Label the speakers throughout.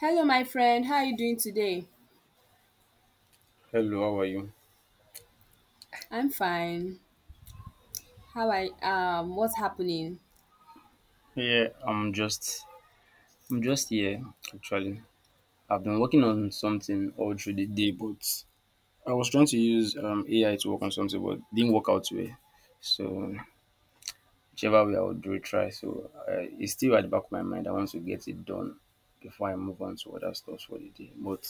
Speaker 1: Hello, my friend. How are you doing today?
Speaker 2: Hello, how are you?
Speaker 1: I'm fine. How I What's happening?
Speaker 2: Yeah, I'm just here actually. I've been working on something all through the day, but I was trying to use AI to work on something, but didn't work out well. So whichever way I would do it, try. So it's still at the back of my mind. I want to get it done before I move on to other stuff for the day. But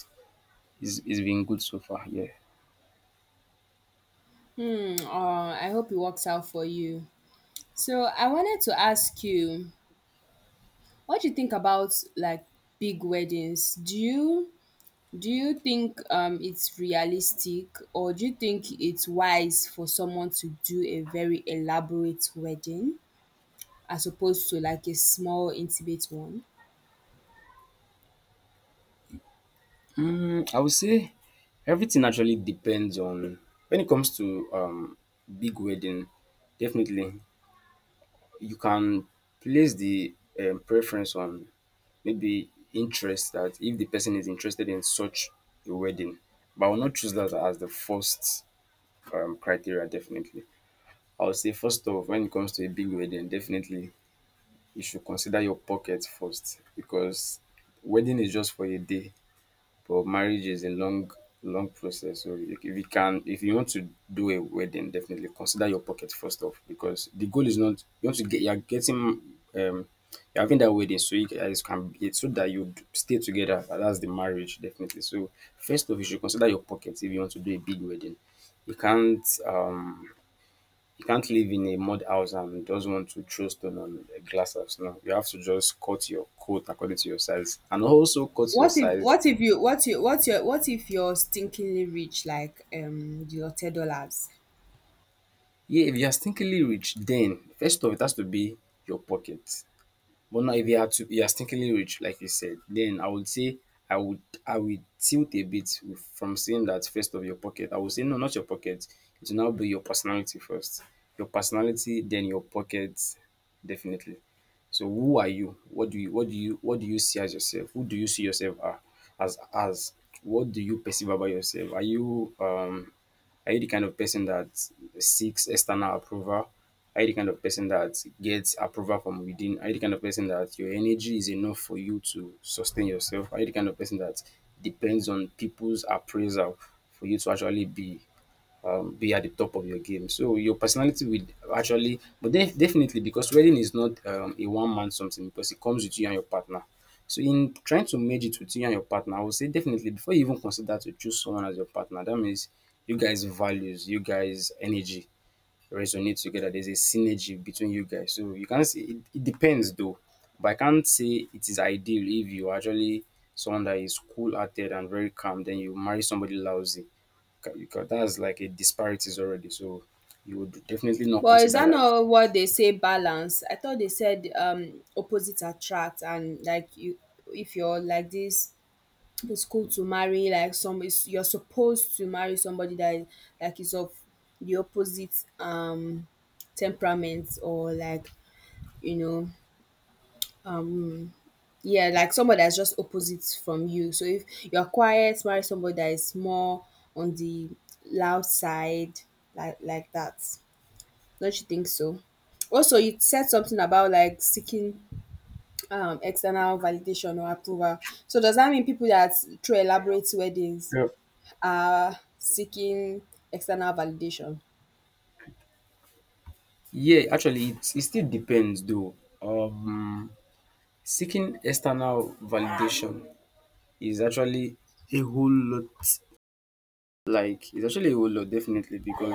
Speaker 2: it's been good so far. Yeah.
Speaker 1: Hmm. I hope it works out for you. So I wanted to ask you, what do you think about like big weddings? Do you think it's realistic, or do you think it's wise for someone to do a very elaborate wedding as opposed to like a small intimate one?
Speaker 2: Mm, I would say everything actually depends on when it comes to big wedding. Definitely, you can place the preference on maybe interest, that if the person is interested in such a wedding, but I will not choose that as the first criteria. Definitely, I would say first off, when it comes to a big wedding, definitely you should consider your pocket first, because wedding is just for a day, but marriage is a long long process. So if you can, if you want to do a wedding, definitely consider your pocket first off, because the goal is not you want to get, you are getting, you're having that wedding so you guys can, it's so that you stay together, and that's the marriage definitely. So first off you should consider your pocket if you want to do a big wedding. You can't um you can't live in a mud house and just want to throw stone on a glass house. No, you have to just cut your coat according to your size and also cut your size.
Speaker 1: What if you're stinkingly rich like your $10?
Speaker 2: Yeah, if you are stinkingly rich, then first off, it has to be your pocket. But now, if you are to, you are stinkingly rich, like you said, then I would say, I would tilt a bit with, from saying that first of your pocket. I would say no, not your pocket. It will now be your personality first. Your personality, then your pocket, definitely. So who are you? What do you, what do you, what do you see as yourself? Who do you see yourself as as? What do you perceive about yourself? Are you the kind of person that seeks external approval? Are you the kind of person that gets approval from within? Are you the kind of person that your energy is enough for you to sustain yourself? Are you the kind of person that depends on people's appraisal for you to actually be at the top of your game. So your personality will actually, but definitely, because wedding is not a one man something, because it comes with you and your partner. So in trying to merge it with you and your partner, I would say definitely before you even consider to choose someone as your partner, that means you guys values, you guys energy resonate together. There's a synergy between you guys. So you can see it, it depends though. But I can't say it is ideal if you actually someone that is cool hearted and very calm, then you marry somebody lousy. Because that's like a disparities already. So you would definitely not
Speaker 1: But is
Speaker 2: consider
Speaker 1: that
Speaker 2: that.
Speaker 1: not what they say, balance? I thought they said opposites attract, and like you, if you're like this, it's cool to marry like some is you're supposed to marry somebody that is like is of the opposite temperament, or like you know Yeah, like somebody that's just opposite from you. So if you're quiet, marry somebody that is more on the loud side, like that. Don't you think so? Also, you said something about like seeking external validation or approval. So does that mean people that throw elaborate weddings
Speaker 2: Yeah,
Speaker 1: are seeking external validation?
Speaker 2: yeah, actually it, it still depends though. Um seeking external validation is actually a whole lot, like it's actually a whole lot, definitely, because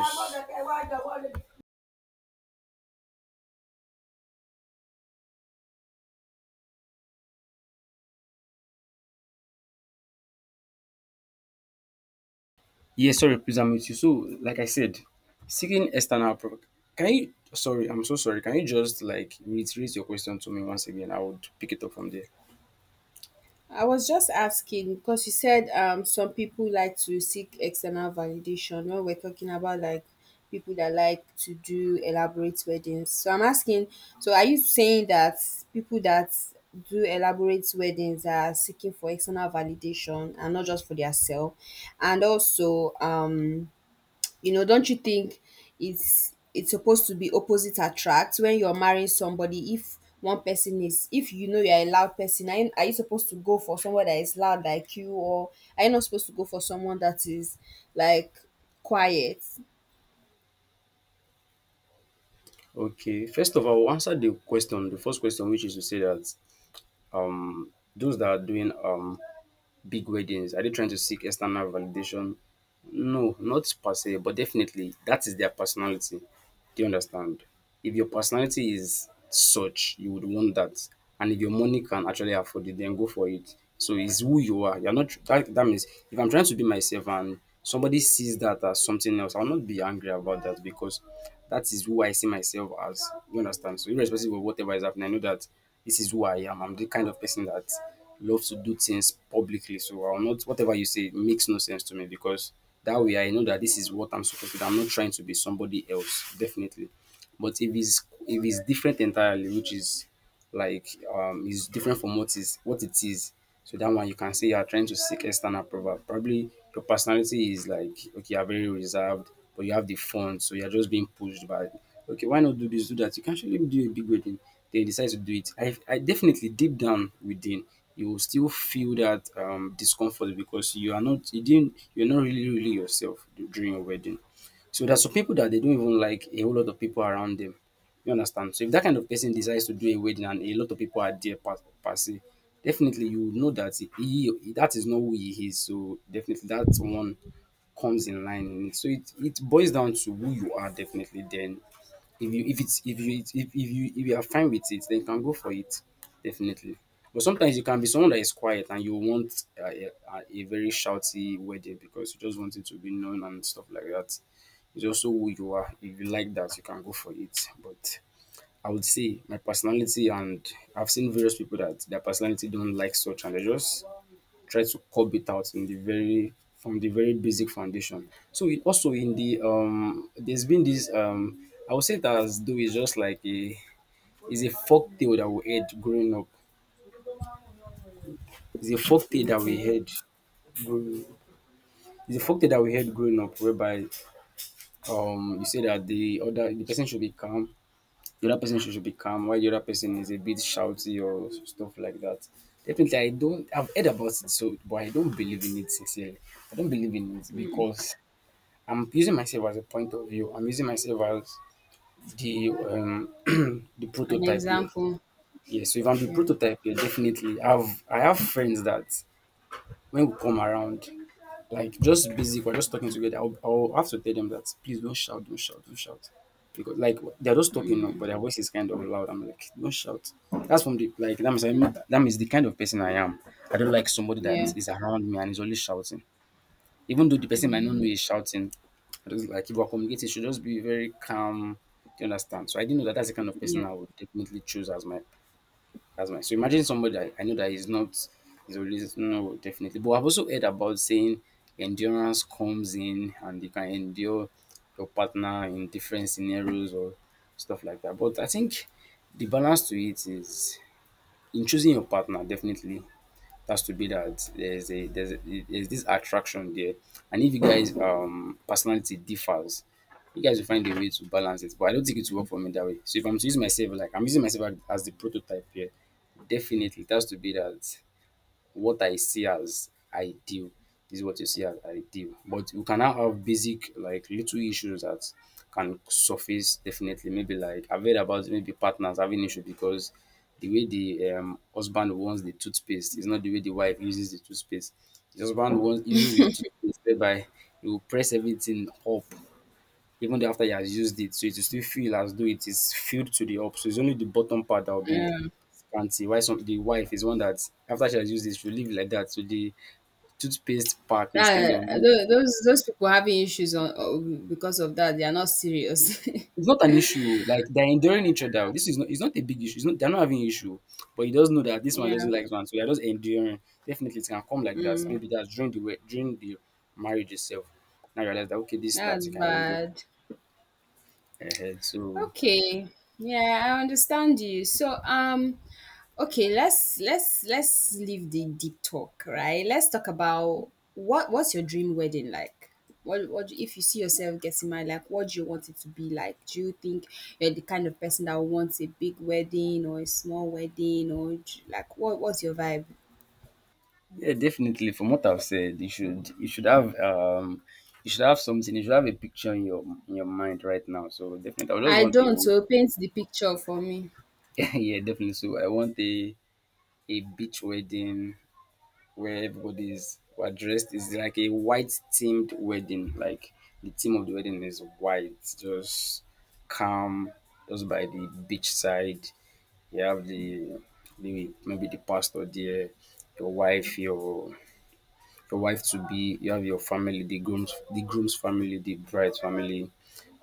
Speaker 2: yes, sorry, please, I'm with you. So, like I said, seeking external approval. Can you? Sorry, I'm so sorry. Can you just like reiterate your question to me once again? I would pick it up from there.
Speaker 1: I was just asking because you said some people like to seek external validation when we're talking about like people that like to do elaborate weddings. So I'm asking, so are you saying that people that do elaborate weddings are seeking for external validation and not just for their self? And also, don't you think it's supposed to be opposite attract when you're marrying somebody? If one person is, If you know you're a loud person, are you supposed to go for someone that is loud like you, or are you not supposed to go for someone that is like quiet?
Speaker 2: Okay. First of all, I'll answer the question, the first question, which is to say that those that are doing big weddings, are they trying to seek external validation? No, not per se, but definitely that is their personality. Do you understand? If your personality is such, you would want that. And if your money can actually afford it, then go for it. So it's who you are. You're not that, that means if I'm trying to be myself and somebody sees that as something else, I'll not be angry about that, because that is who I see myself as. You understand? So irrespective of whatever is happening, I know that this is who I am. I'm the kind of person that loves to do things publicly. So I'll not, whatever you say makes no sense to me, because that way I know that this is what I'm supposed to do. I'm not trying to be somebody else, definitely. But if it's different entirely, which is like is different from what is, what it is. So that one you can say you are trying to seek external approval. Probably your personality is like, okay, you're very reserved, but you have the fun, so you're just being pushed by, okay, why not do this, do that? You can actually do a big wedding. They decide to do it. I definitely deep down within, you will still feel that discomfort, because you are not, you didn't, you're not really, really yourself during your wedding. So there's some people that they don't even like a whole lot of people around them. You understand? So if that kind of person decides to do a wedding and a lot of people are there per, per se, definitely you would know that he, that is not who he is. So definitely that one comes in line in it. So it boils down to who you are definitely, then if you, if it's, if you, if you, if you are fine with it, then you can go for it definitely. But sometimes you can be someone that is quiet and you want a very shouty wedding, because you just want it to be known and stuff like that. It's also who you are. If you like that, you can go for it. But I would say my personality, and I've seen various people that their personality don't like such, and they just try to curb it out in the very, from the very basic foundation. So it also, in the there's been this I would say it as though it's just like a, it's a folk tale that we heard growing up. It's a folk tale that
Speaker 1: Okay,
Speaker 2: we heard growing It's a folk tale that we heard growing up, whereby you say that the other, the person should be calm, the other person should be calm while the other person is a bit shouty or stuff like that. Definitely I don't, I've heard about it, so, but I don't believe in it sincerely. I don't believe in it because I'm using myself as a point of view. I'm using myself as the the
Speaker 1: an
Speaker 2: prototype here.
Speaker 1: example.
Speaker 2: Yeah, so if I'm the
Speaker 1: Yeah.
Speaker 2: prototype here, definitely I have friends that when we come around, like just basic, we're just talking together. I'll have to tell them that, please don't shout, don't shout, don't shout, because like they're just talking now, but their voice is kind of loud. I'm like, don't shout. That's from the, like that means I that means the kind of person I am. I don't like somebody
Speaker 1: Yeah,
Speaker 2: that is around me and is always shouting, even though the person might not know he's shouting. I just like, if we're communicating, it should just be very calm. Do you understand? So I didn't know that that's the kind of
Speaker 1: yeah.
Speaker 2: person I would definitely choose as my, as my. So imagine somebody I know that is not, is always, no, definitely. But I've also heard about saying endurance comes in and you can endure your partner in different scenarios or stuff like that. But I think the balance to it is in choosing your partner, definitely that's to be, that there's this attraction there, and if you guys personality differs, you guys will find a way to balance it. But I don't think it will work for me that way. So if I'm to use myself, like I'm using myself as the prototype here, definitely it has to be that what I see as ideal is what you see as ideal. But you can now have basic, like little issues that can surface definitely. Maybe like I've heard about, maybe partners having issue because the way the husband wants the toothpaste is not the way the wife uses the toothpaste. The husband wants, uses the toothpaste whereby he will press everything up, even though after he has used it. So it will still feel as though it is filled to the up. So it's only the bottom part that will be scanty. Why some, the wife is one that after she has used it, she will leave it like that. So the toothpaste pack is kind of,
Speaker 1: That those people having issues on because of that, they are not serious.
Speaker 2: it's not an issue. Like they're enduring each other. This is not it's not a big issue. It's not they're not having issue. But he does know that this one
Speaker 1: Yeah,
Speaker 2: doesn't like this one. So they're just enduring. Definitely it can come like that. Maybe that's during the during the marriage itself. Now I realize that okay, this that
Speaker 1: that's
Speaker 2: you can endure.
Speaker 1: bad.
Speaker 2: Ahead. So
Speaker 1: Okay. Yeah, I understand you. So, okay, let's leave the deep talk, right? Let's talk about what's your dream wedding like? If you see yourself getting married, like what do you want it to be like? Do you think you're the kind of person that wants a big wedding or a small wedding, or like what's your vibe?
Speaker 2: yeah, definitely. From what I've said, you should have you should have something. You should have a picture in your mind right now. So definitely, I just
Speaker 1: I
Speaker 2: want
Speaker 1: don't,
Speaker 2: a
Speaker 1: so paint the picture for me.
Speaker 2: yeah, definitely. So I want a beach wedding where everybody's who are dressed is like a white themed wedding. Like the theme of the wedding is white, just calm, just by the beach side. You have the maybe the pastor there, your wife, your your wife to be, you have your family, the groom's family, the bride's family,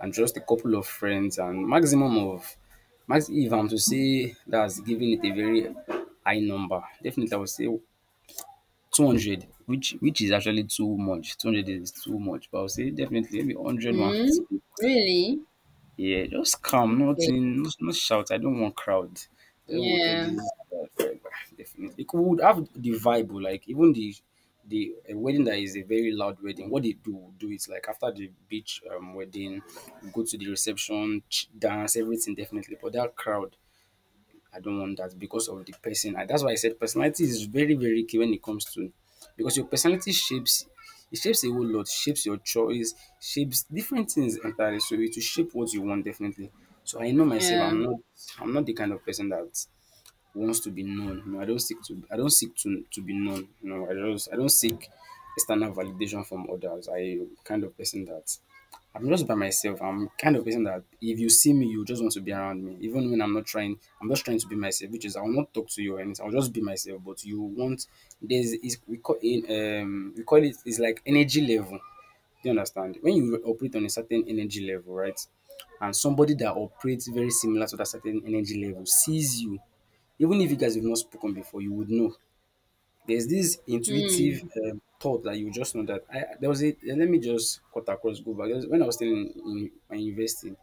Speaker 2: and just a couple of friends and maximum of max if I'm to say that's giving it a very high number, definitely I would say 200, which is actually too much. 200 is too much, but I would say definitely maybe 100, 150
Speaker 1: Hmm?
Speaker 2: people.
Speaker 1: Really?
Speaker 2: Yeah, just calm,
Speaker 1: Okay.
Speaker 2: nothing, no shout. I don't want crowd. I don't want all
Speaker 1: Yeah.
Speaker 2: this. Definitely, it would have the vibe, oh, like even the a wedding that is a very loud wedding. What they do is like after the beach wedding, go to the reception, dance, everything. Definitely, but that crowd, I don't want that because of the person. And that's why I said personality is very, very key when it comes to because your personality shapes it shapes a whole lot, shapes your choice, shapes different things entirely. So it will shape what you want definitely. So I know myself,
Speaker 1: Yeah.
Speaker 2: I'm not the kind of person that wants to be known. No, I don't seek to be known. No, I just I don't seek external validation from others. I kind of person that I'm just by myself. I'm kind of person that if you see me, you just want to be around me. Even when I'm not trying, I'm just trying to be myself, which is I will not talk to you or anything. I'll just be myself. But you want there's is we call in we call it is like energy level. Do you understand? When you operate on a certain energy level, right? And somebody that operates very similar to that certain energy level sees you even if you guys have not spoken before, you would know. There's this intuitive
Speaker 1: Hmm.
Speaker 2: thought that you just know that I there was a let me just cut across go back. When I was still in my university,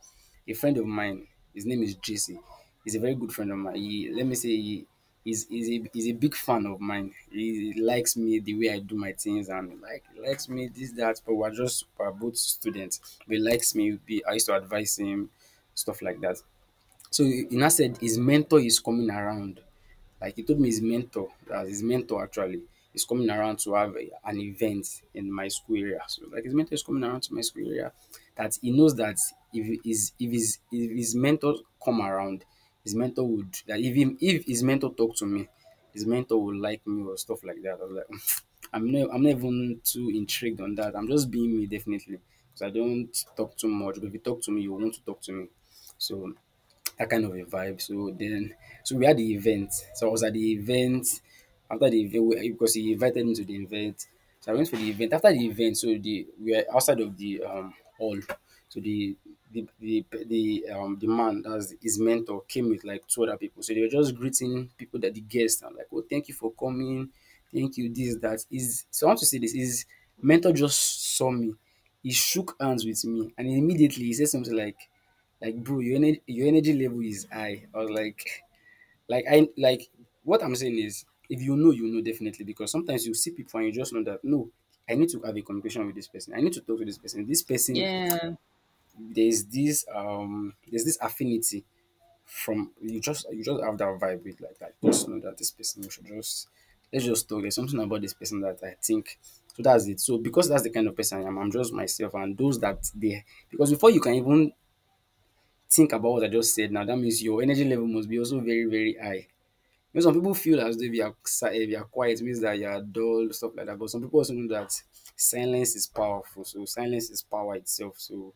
Speaker 2: a friend of mine, his name is JC. He's a very good friend of mine. He, let me say he's a big fan of mine. He likes me the way I do my things and like he likes me this that. But we're just we're both students. But he likes me. I used to advise him stuff like that. So he now said his mentor is coming around. Like he told me his mentor, that his mentor actually is coming around to have an event in my school area. So like his mentor is coming around to my school area. That he knows that if his if his mentor come around, his mentor would that if him if his mentor talk to me, his mentor would like me or stuff like that. I was like, I'm not even too intrigued on that. I'm just being me definitely. Because I don't talk too much. But if you talk to me, you want to talk to me. So that kind of a vibe. So then, so we had the event. So I was at the event after the event because he invited me to the event. So I went for the event. After the event, so the we were outside of the hall. So the the man that's his mentor came with like two other people. So they were just greeting people that the guests. I'm like, oh, thank you for coming. Thank you. This that is. So I want to say this. His mentor just saw me. He shook hands with me, and immediately he said something like, bro, your energy level is high. I was like I like what I'm saying is, if you know, you know definitely because sometimes you see people and you just know that no, I need to have a communication with this person. I need to talk to this person. This person,
Speaker 1: Yeah.
Speaker 2: there's this affinity from you just have that vibe with like just know that this person you should just let's just talk. There's something about this person that I think. So that's it. So because that's the kind of person I am, I'm just myself and those that they because before you can even think about what I just said now, that means your energy level must be also very, very high. You know, some people feel as though if you are if you are quiet, it means that you are dull, stuff like that. But some people also know that silence is powerful. So silence is power itself. So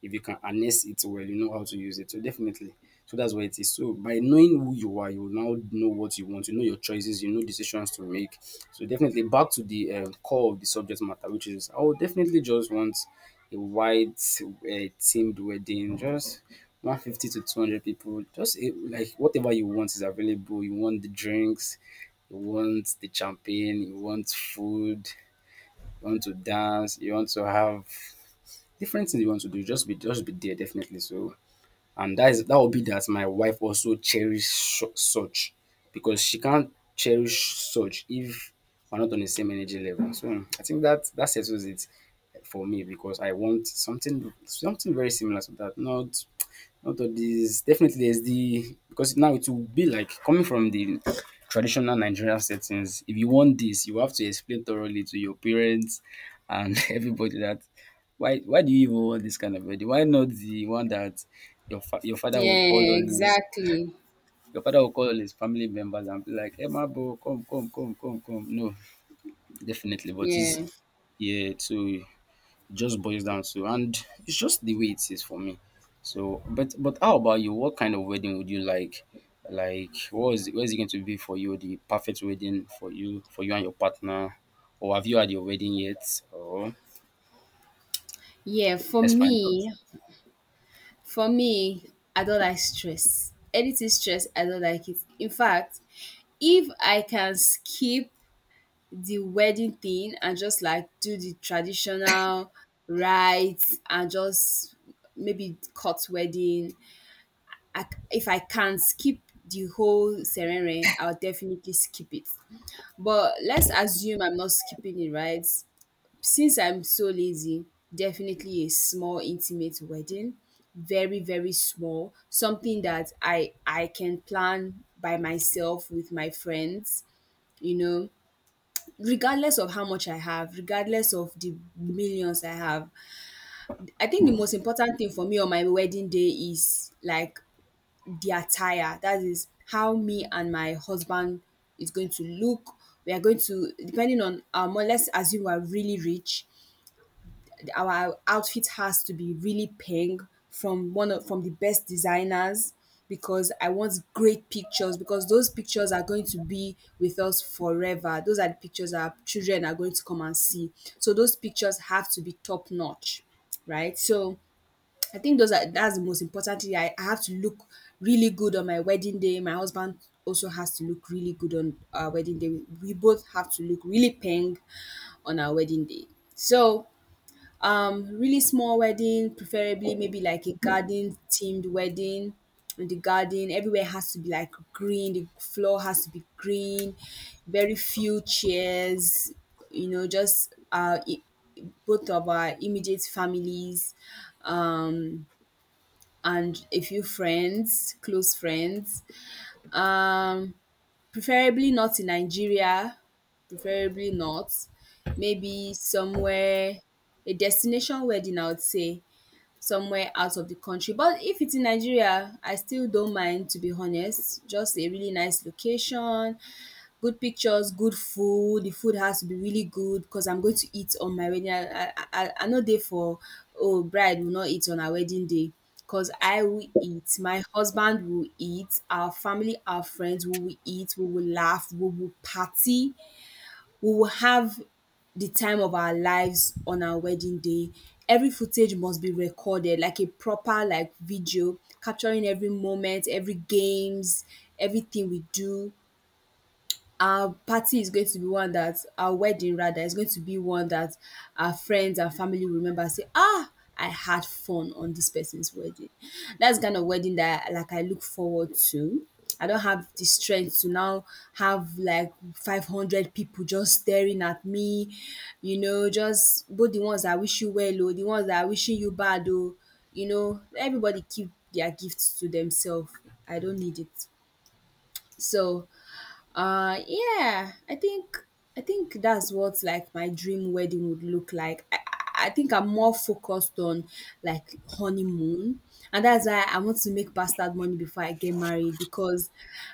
Speaker 2: if you can harness it well, you know how to use it. So definitely. So that's what it is. So by knowing who you are, you will now know what you want. You know your choices. You know decisions to make. So definitely back to the core of the subject matter, which is I would definitely just want a white themed wedding, just 150 to 200 people. Just eh, like whatever you want is available. You want the drinks, you want the champagne, you want food, you want to dance, you want to have different things you want to do. Just be there, definitely. So and that is that will be that my wife also cherish such because she can't cherish such if we're not on the same energy level. So I think that that settles it for me because I want something very similar to that. Not out of this, definitely there's the because now it will be like coming from the traditional Nigerian settings. If you want this, you have to explain thoroughly to your parents and everybody that why do you even want this kind of wedding? Why not the one that your your father will call
Speaker 1: Yeah,
Speaker 2: all his
Speaker 1: exactly.
Speaker 2: your father will call all his family members and be like, "Hey, my bro, come, come, come, come, come. No, definitely. But
Speaker 1: Yeah.
Speaker 2: it's yeah, so just boils down to and it's just the way it is for me. So, but how about you? What kind of wedding would you like? Like, what is it going to be for you? The perfect wedding for you and your partner, or have you had your wedding yet? Or
Speaker 1: Yeah, for
Speaker 2: let's find out.
Speaker 1: me, for me, I don't like stress. Anything stress, I don't like it. In fact, if I can skip the wedding thing and just like do the traditional rites and just maybe cut wedding, if I can skip the whole ceremony, I'll definitely skip it. But let's assume I'm not skipping it, right? Since I'm so lazy, definitely a small intimate wedding, very very small, something that I can plan by myself with my friends, you know, regardless of how much I have, regardless of the millions I have. I think the most important thing for me on my wedding day is like the attire, that is how me and my husband is going to look. We are going to depending on Let's assume we are really rich. Our outfit has to be really pink, from one of from the best designers, because I want great pictures, because those pictures are going to be with us forever. Those are the pictures our children are going to come and see. So those pictures have to be top notch, right? So I think those are that's the most important thing. I have to look really good on my wedding day. My husband also has to look really good on our wedding day. We both have to look really pink on our wedding day. So really small wedding, preferably maybe like a garden themed wedding. In the garden, everywhere has to be like green, the floor has to be green, very few chairs, just both of our immediate families, um and a few friends, close friends, um preferably not in Nigeria, preferably not. Maybe somewhere, a destination wedding, I would say, somewhere out of the country. But if it's in Nigeria, I still don't mind, to be honest. Just a really nice location, good pictures, good food. The food has to be really good because I'm going to eat on my wedding. I no dey for oh, bride will not eat on her wedding day. Cause I will eat, my husband will eat, our family, our friends, we will eat, we will laugh, we will party. We will have the time of our lives on our wedding day. Every footage must be recorded, like a proper like video, capturing every moment, every games, everything we do. Our wedding rather is going to be one that our friends and family will remember and say, ah, I had fun on this person's wedding. That's the kind of wedding that like I look forward to. I don't have the strength to now have like 500 people just staring at me, just both the ones that wish you well or the ones that are wishing you bad oh, everybody keep their gifts to themselves. I don't need it. So yeah, I think that's what like my dream wedding would look like. I think I'm more focused on like honeymoon, and that's why I want to make bastard money before I get married, because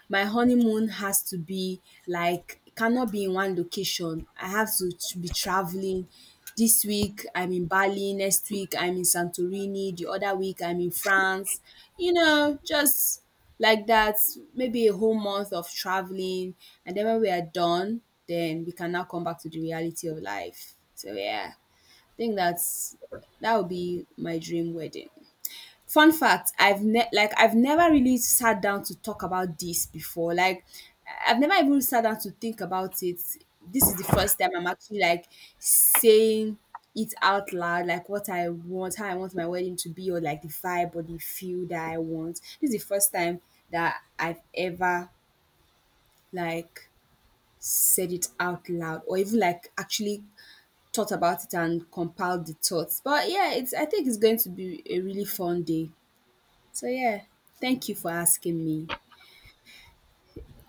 Speaker 1: my honeymoon has to be like it cannot be in one location. I have to be traveling. This week I'm in Bali, next week I'm in Santorini, the other week I'm in France. Just like that, maybe a whole month of traveling, and then when we are done, then we can now come back to the reality of life. So yeah, I think that would be my dream wedding. Fun fact, I've like I've never really sat down to talk about this before. Like I've never even sat down to think about it. This is the first time I'm actually like saying it out loud, like what I want, how I want my wedding to be, or like the vibe or the feel that I want. This is the first time that I've ever like said it out loud, or even like actually thought about it and compiled the thoughts. But yeah, it's I think it's going to be a really fun day. So yeah, thank you for asking me.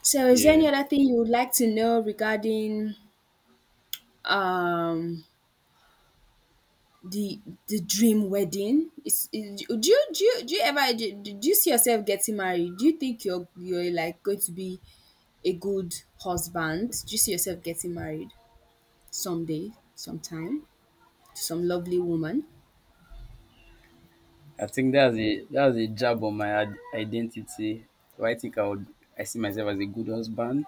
Speaker 1: So is there
Speaker 2: Yeah,
Speaker 1: any other thing you would like to know regarding um the dream wedding? Is do you do you, Do you see yourself getting married? Do you think you're like going to be a good husband? Do you see yourself getting married someday, sometime, to some lovely woman?
Speaker 2: I think that's a jab on my identity. Do I think I would I see myself as a good husband?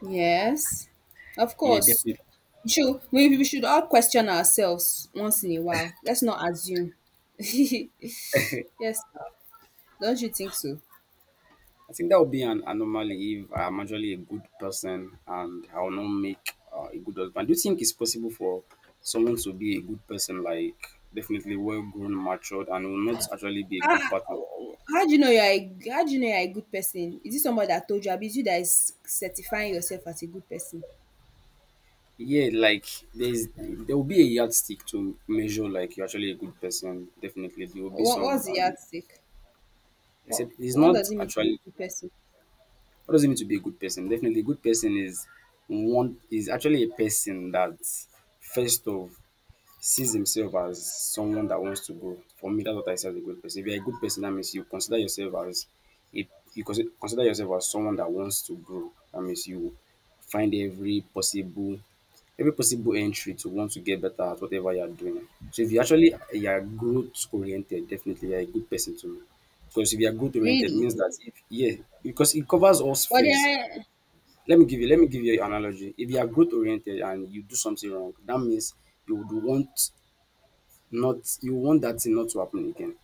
Speaker 1: Yes, of
Speaker 2: Yeah,
Speaker 1: course.
Speaker 2: definitely.
Speaker 1: We should all question ourselves once in a while. Let's not assume. Yes, do don't you think so?
Speaker 2: I think that would be an anomaly if I'm actually a good person and I will not make a good husband. Do you think it's possible for someone to be a good person, like definitely well grown, matured, and will not actually be a good
Speaker 1: Ah,
Speaker 2: partner?
Speaker 1: how do you know you're a good person? Is it somebody that told you? Abi it's you that is certifying yourself as a good person?
Speaker 2: Yeah, like there will be a yardstick to measure like you're actually a good person. Definitely, there will be
Speaker 1: What
Speaker 2: some.
Speaker 1: what's the yardstick?
Speaker 2: I
Speaker 1: What
Speaker 2: said it's
Speaker 1: what
Speaker 2: not
Speaker 1: does it mean to be a
Speaker 2: actually.
Speaker 1: good person?
Speaker 2: What does it mean to be a good person? Definitely, a good person is one is actually a person that first of. Sees himself as someone that wants to grow. For me, that's what I see as a good person. If you're a good person, that means you consider yourself as a consider yourself as someone that wants to grow. That means you find every possible entry to want to get better at whatever you're doing. So if you actually you're growth oriented, definitely you're a good person to me. Because if you're growth oriented
Speaker 1: Really?
Speaker 2: means that if yeah, because it covers all
Speaker 1: But
Speaker 2: spheres.
Speaker 1: there
Speaker 2: Let me give you an analogy. If you are growth oriented and you do something wrong, that means you would want not you want that thing not to happen again.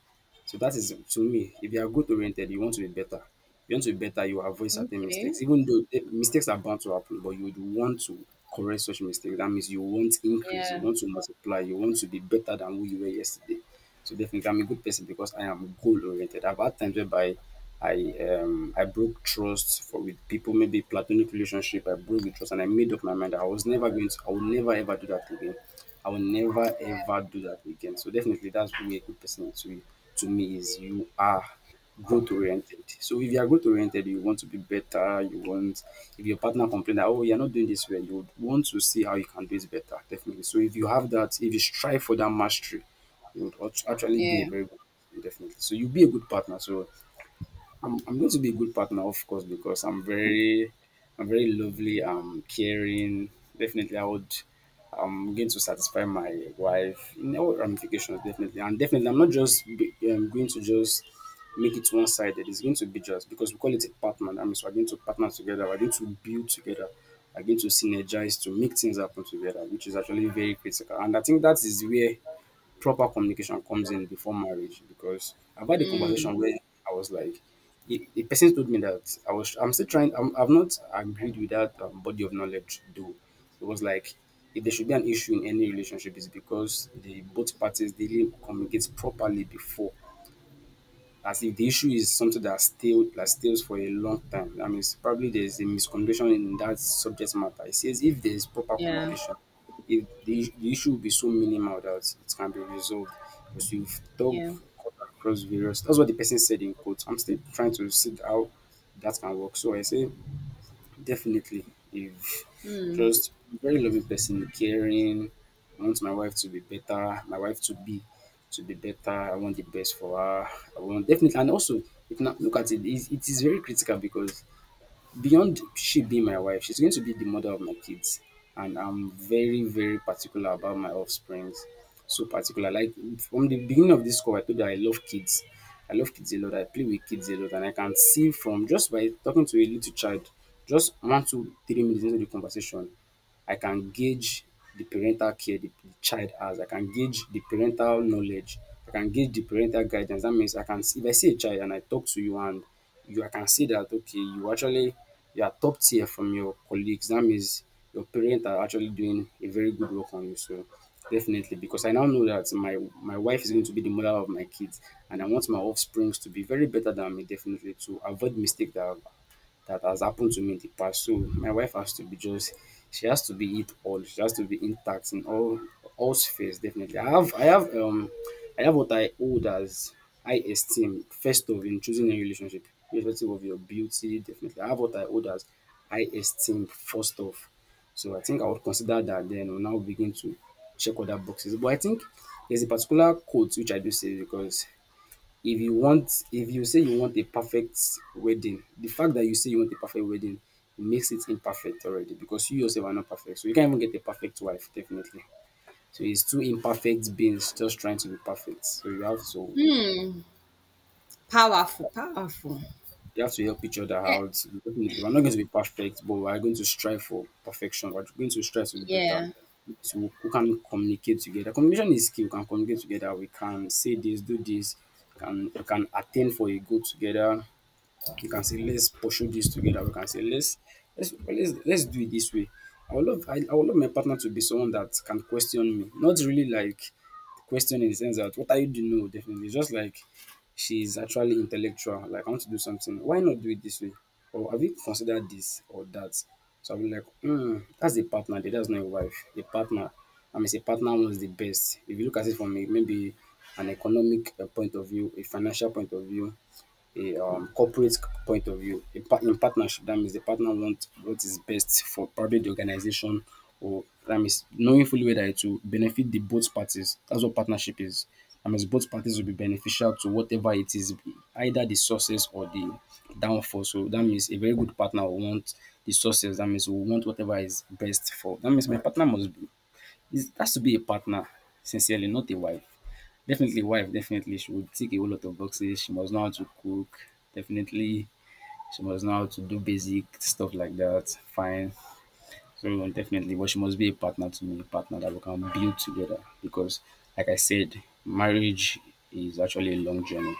Speaker 2: So that is to me, if you are growth oriented, you want to be better. You want to be better, you avoid
Speaker 1: are,
Speaker 2: certain
Speaker 1: okay.
Speaker 2: mistakes. Even though mistakes are bound to happen, but you would want to correct such mistakes. That means you want increase, you
Speaker 1: Yeah,
Speaker 2: want to multiply, you want to be better than who you were yesterday. So definitely I'm a good person because I am goal oriented. I've had times whereby I broke trust for with people, maybe platonic relationship. I broke the trust and I made up my mind that I was never going to I will never ever do that again. I will never ever do that again. So definitely that's who a good person to me is. You are growth oriented. So if you are growth oriented, you want to be better, you want if your partner complain that oh you're not doing this well, you would want to see how you can do it better, definitely. So if you have that, if you strive for that mastery, you would actually be a
Speaker 1: yeah,
Speaker 2: very good person, definitely. So you'll be a good partner. So I'm going to be a good partner, of course, because I'm very lovely, caring. Definitely, I would. I'm going to satisfy my wife in all ramifications, definitely, and definitely, I'm not just be, going to just make it one-sided. It's going to be just because we call it a partner. That means we're going to partner together. We're going to build together. We're going to synergize to make things happen together, which is actually very critical. And I think that is where proper communication comes in before marriage because I've had a conversation where I was like, a person told me that I'm still trying, I've not agreed with that body of knowledge though. It was like, if there should be an issue in any relationship, it's because the both parties they didn't communicate properly before, as if the issue is something that stays for a long time. That means probably there's a miscommunication in that subject matter. It says if there is proper
Speaker 1: yeah,
Speaker 2: communication, if the issue will be so minimal that it can be resolved because you've talked
Speaker 1: yeah.
Speaker 2: across various. That's what the person said in quotes. I'm still trying to see how that can work. So I say definitely, if just very loving person, caring. I want my wife to be better. My wife to be better. I want the best for her. I want definitely, and also, if not, look at it. It is very critical because beyond she being my wife, she's going to be the mother of my kids. And I'm very, very particular about my offsprings. So particular. Like from the beginning of this call, I told you I love kids. I love kids a lot. I play with kids a lot. And I can see from just by talking to a little child, just 1 to 3 minutes into the conversation, I can gauge the parental care the child has. I can gauge the parental knowledge. I can gauge the parental guidance. That means I can see if I see a child and I talk to you and you I can see that okay, you actually you are top tier from your colleagues. That means your parents are actually doing a very good work on you. So definitely because I now know that my wife is going to be the mother of my kids and I want my offsprings to be very better than me, definitely to avoid mistake that has happened to me in the past. So my wife has to be just she has to be it all. She has to be intact in all spheres definitely. I have what I hold as high esteem first of in choosing a relationship, irrespective of your beauty, definitely. I have what I hold as high esteem first off. So I think I would consider that then or now begin to check other boxes. But I think there's a particular quote which I do say because if you say you want a perfect wedding, the fact that you say you want a perfect wedding makes it imperfect already because you yourself are not perfect. So you can't even get a perfect wife, definitely. So it's two imperfect beings just trying to be perfect. So
Speaker 1: Powerful, powerful.
Speaker 2: you have to help each other
Speaker 1: Yeah,
Speaker 2: out. Definitely, we're not going to be perfect, but we are going to strive for perfection. We're going to strive to be better.
Speaker 1: yeah.
Speaker 2: So we can communicate together. Communication is key. We can communicate together. We can say this, do this. Can we can attain for a goal together. You can say let's pursue this together. We can say let's do it this way. I would love my partner to be someone that can question me. Not really like question in the sense that what are you doing? No, definitely. Just like she's actually intellectual. Like I want to do something. Why not do it this way? Or have you considered this or that? So I'll be like, hmm, that's a partner. That's not a wife. A partner. I mean, a partner wants the best. If you look at it from a, maybe an economic point of view, a financial point of view, a corporate point of view, in partnership, that means the partner wants what is best for probably the organization, or that means knowing fully well that it will benefit the both parties. That's what partnership is. That means both parties will be beneficial to whatever it is, either the success or the downfall. So that means a very good partner will want the success. That means we want whatever is best for. That means my partner must this has to be a partner, sincerely, not a wife. Definitely, wife, definitely, she would tick a whole lot of boxes. She must know how to cook, definitely. She must know how to do basic stuff like that. Fine. So, definitely, but she must be a partner to me, a partner that we can build together. Because, like I said, marriage is actually a long journey.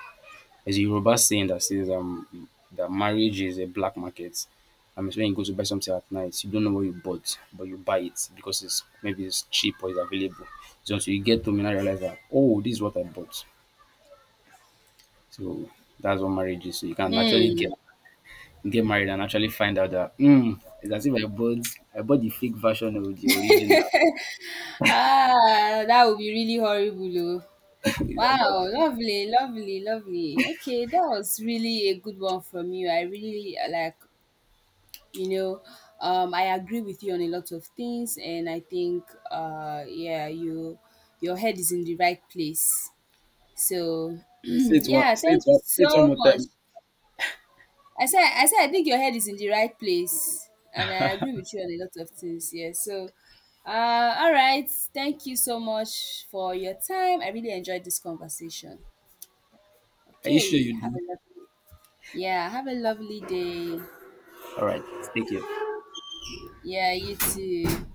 Speaker 2: There's a Yoruba saying that says that marriage is a black market. It's when you go to buy something at night, you don't know what you bought, but you buy it because it's cheap or it's available. So until you get home, you now realize that oh, this is what I bought. So that's what marriage is. So you can actually
Speaker 1: Mm.
Speaker 2: get married and actually find out that mm, it's as if I bought the fake version of the original.
Speaker 1: Ah, that would be really horrible. Oh.
Speaker 2: It's like,
Speaker 1: Wow,
Speaker 2: "Baba,
Speaker 1: lovely, lovely, lovely. Okay, that was really a good one from you. I really like, you know, I agree with you on a lot of things, and I think, yeah, your head is in the right place. So, yeah, thank you
Speaker 2: say it one
Speaker 1: so
Speaker 2: more
Speaker 1: much.
Speaker 2: time.
Speaker 1: I said I think your head is in the right place, and I agree with you on a lot of things. Yeah. So, all right. Thank you so much for your time. I really enjoyed this conversation.
Speaker 2: Are you sure
Speaker 1: Okay.
Speaker 2: you
Speaker 1: Have
Speaker 2: do?
Speaker 1: a lovely. Yeah. Have a lovely day.
Speaker 2: All right, take care.
Speaker 1: Yeah. You too.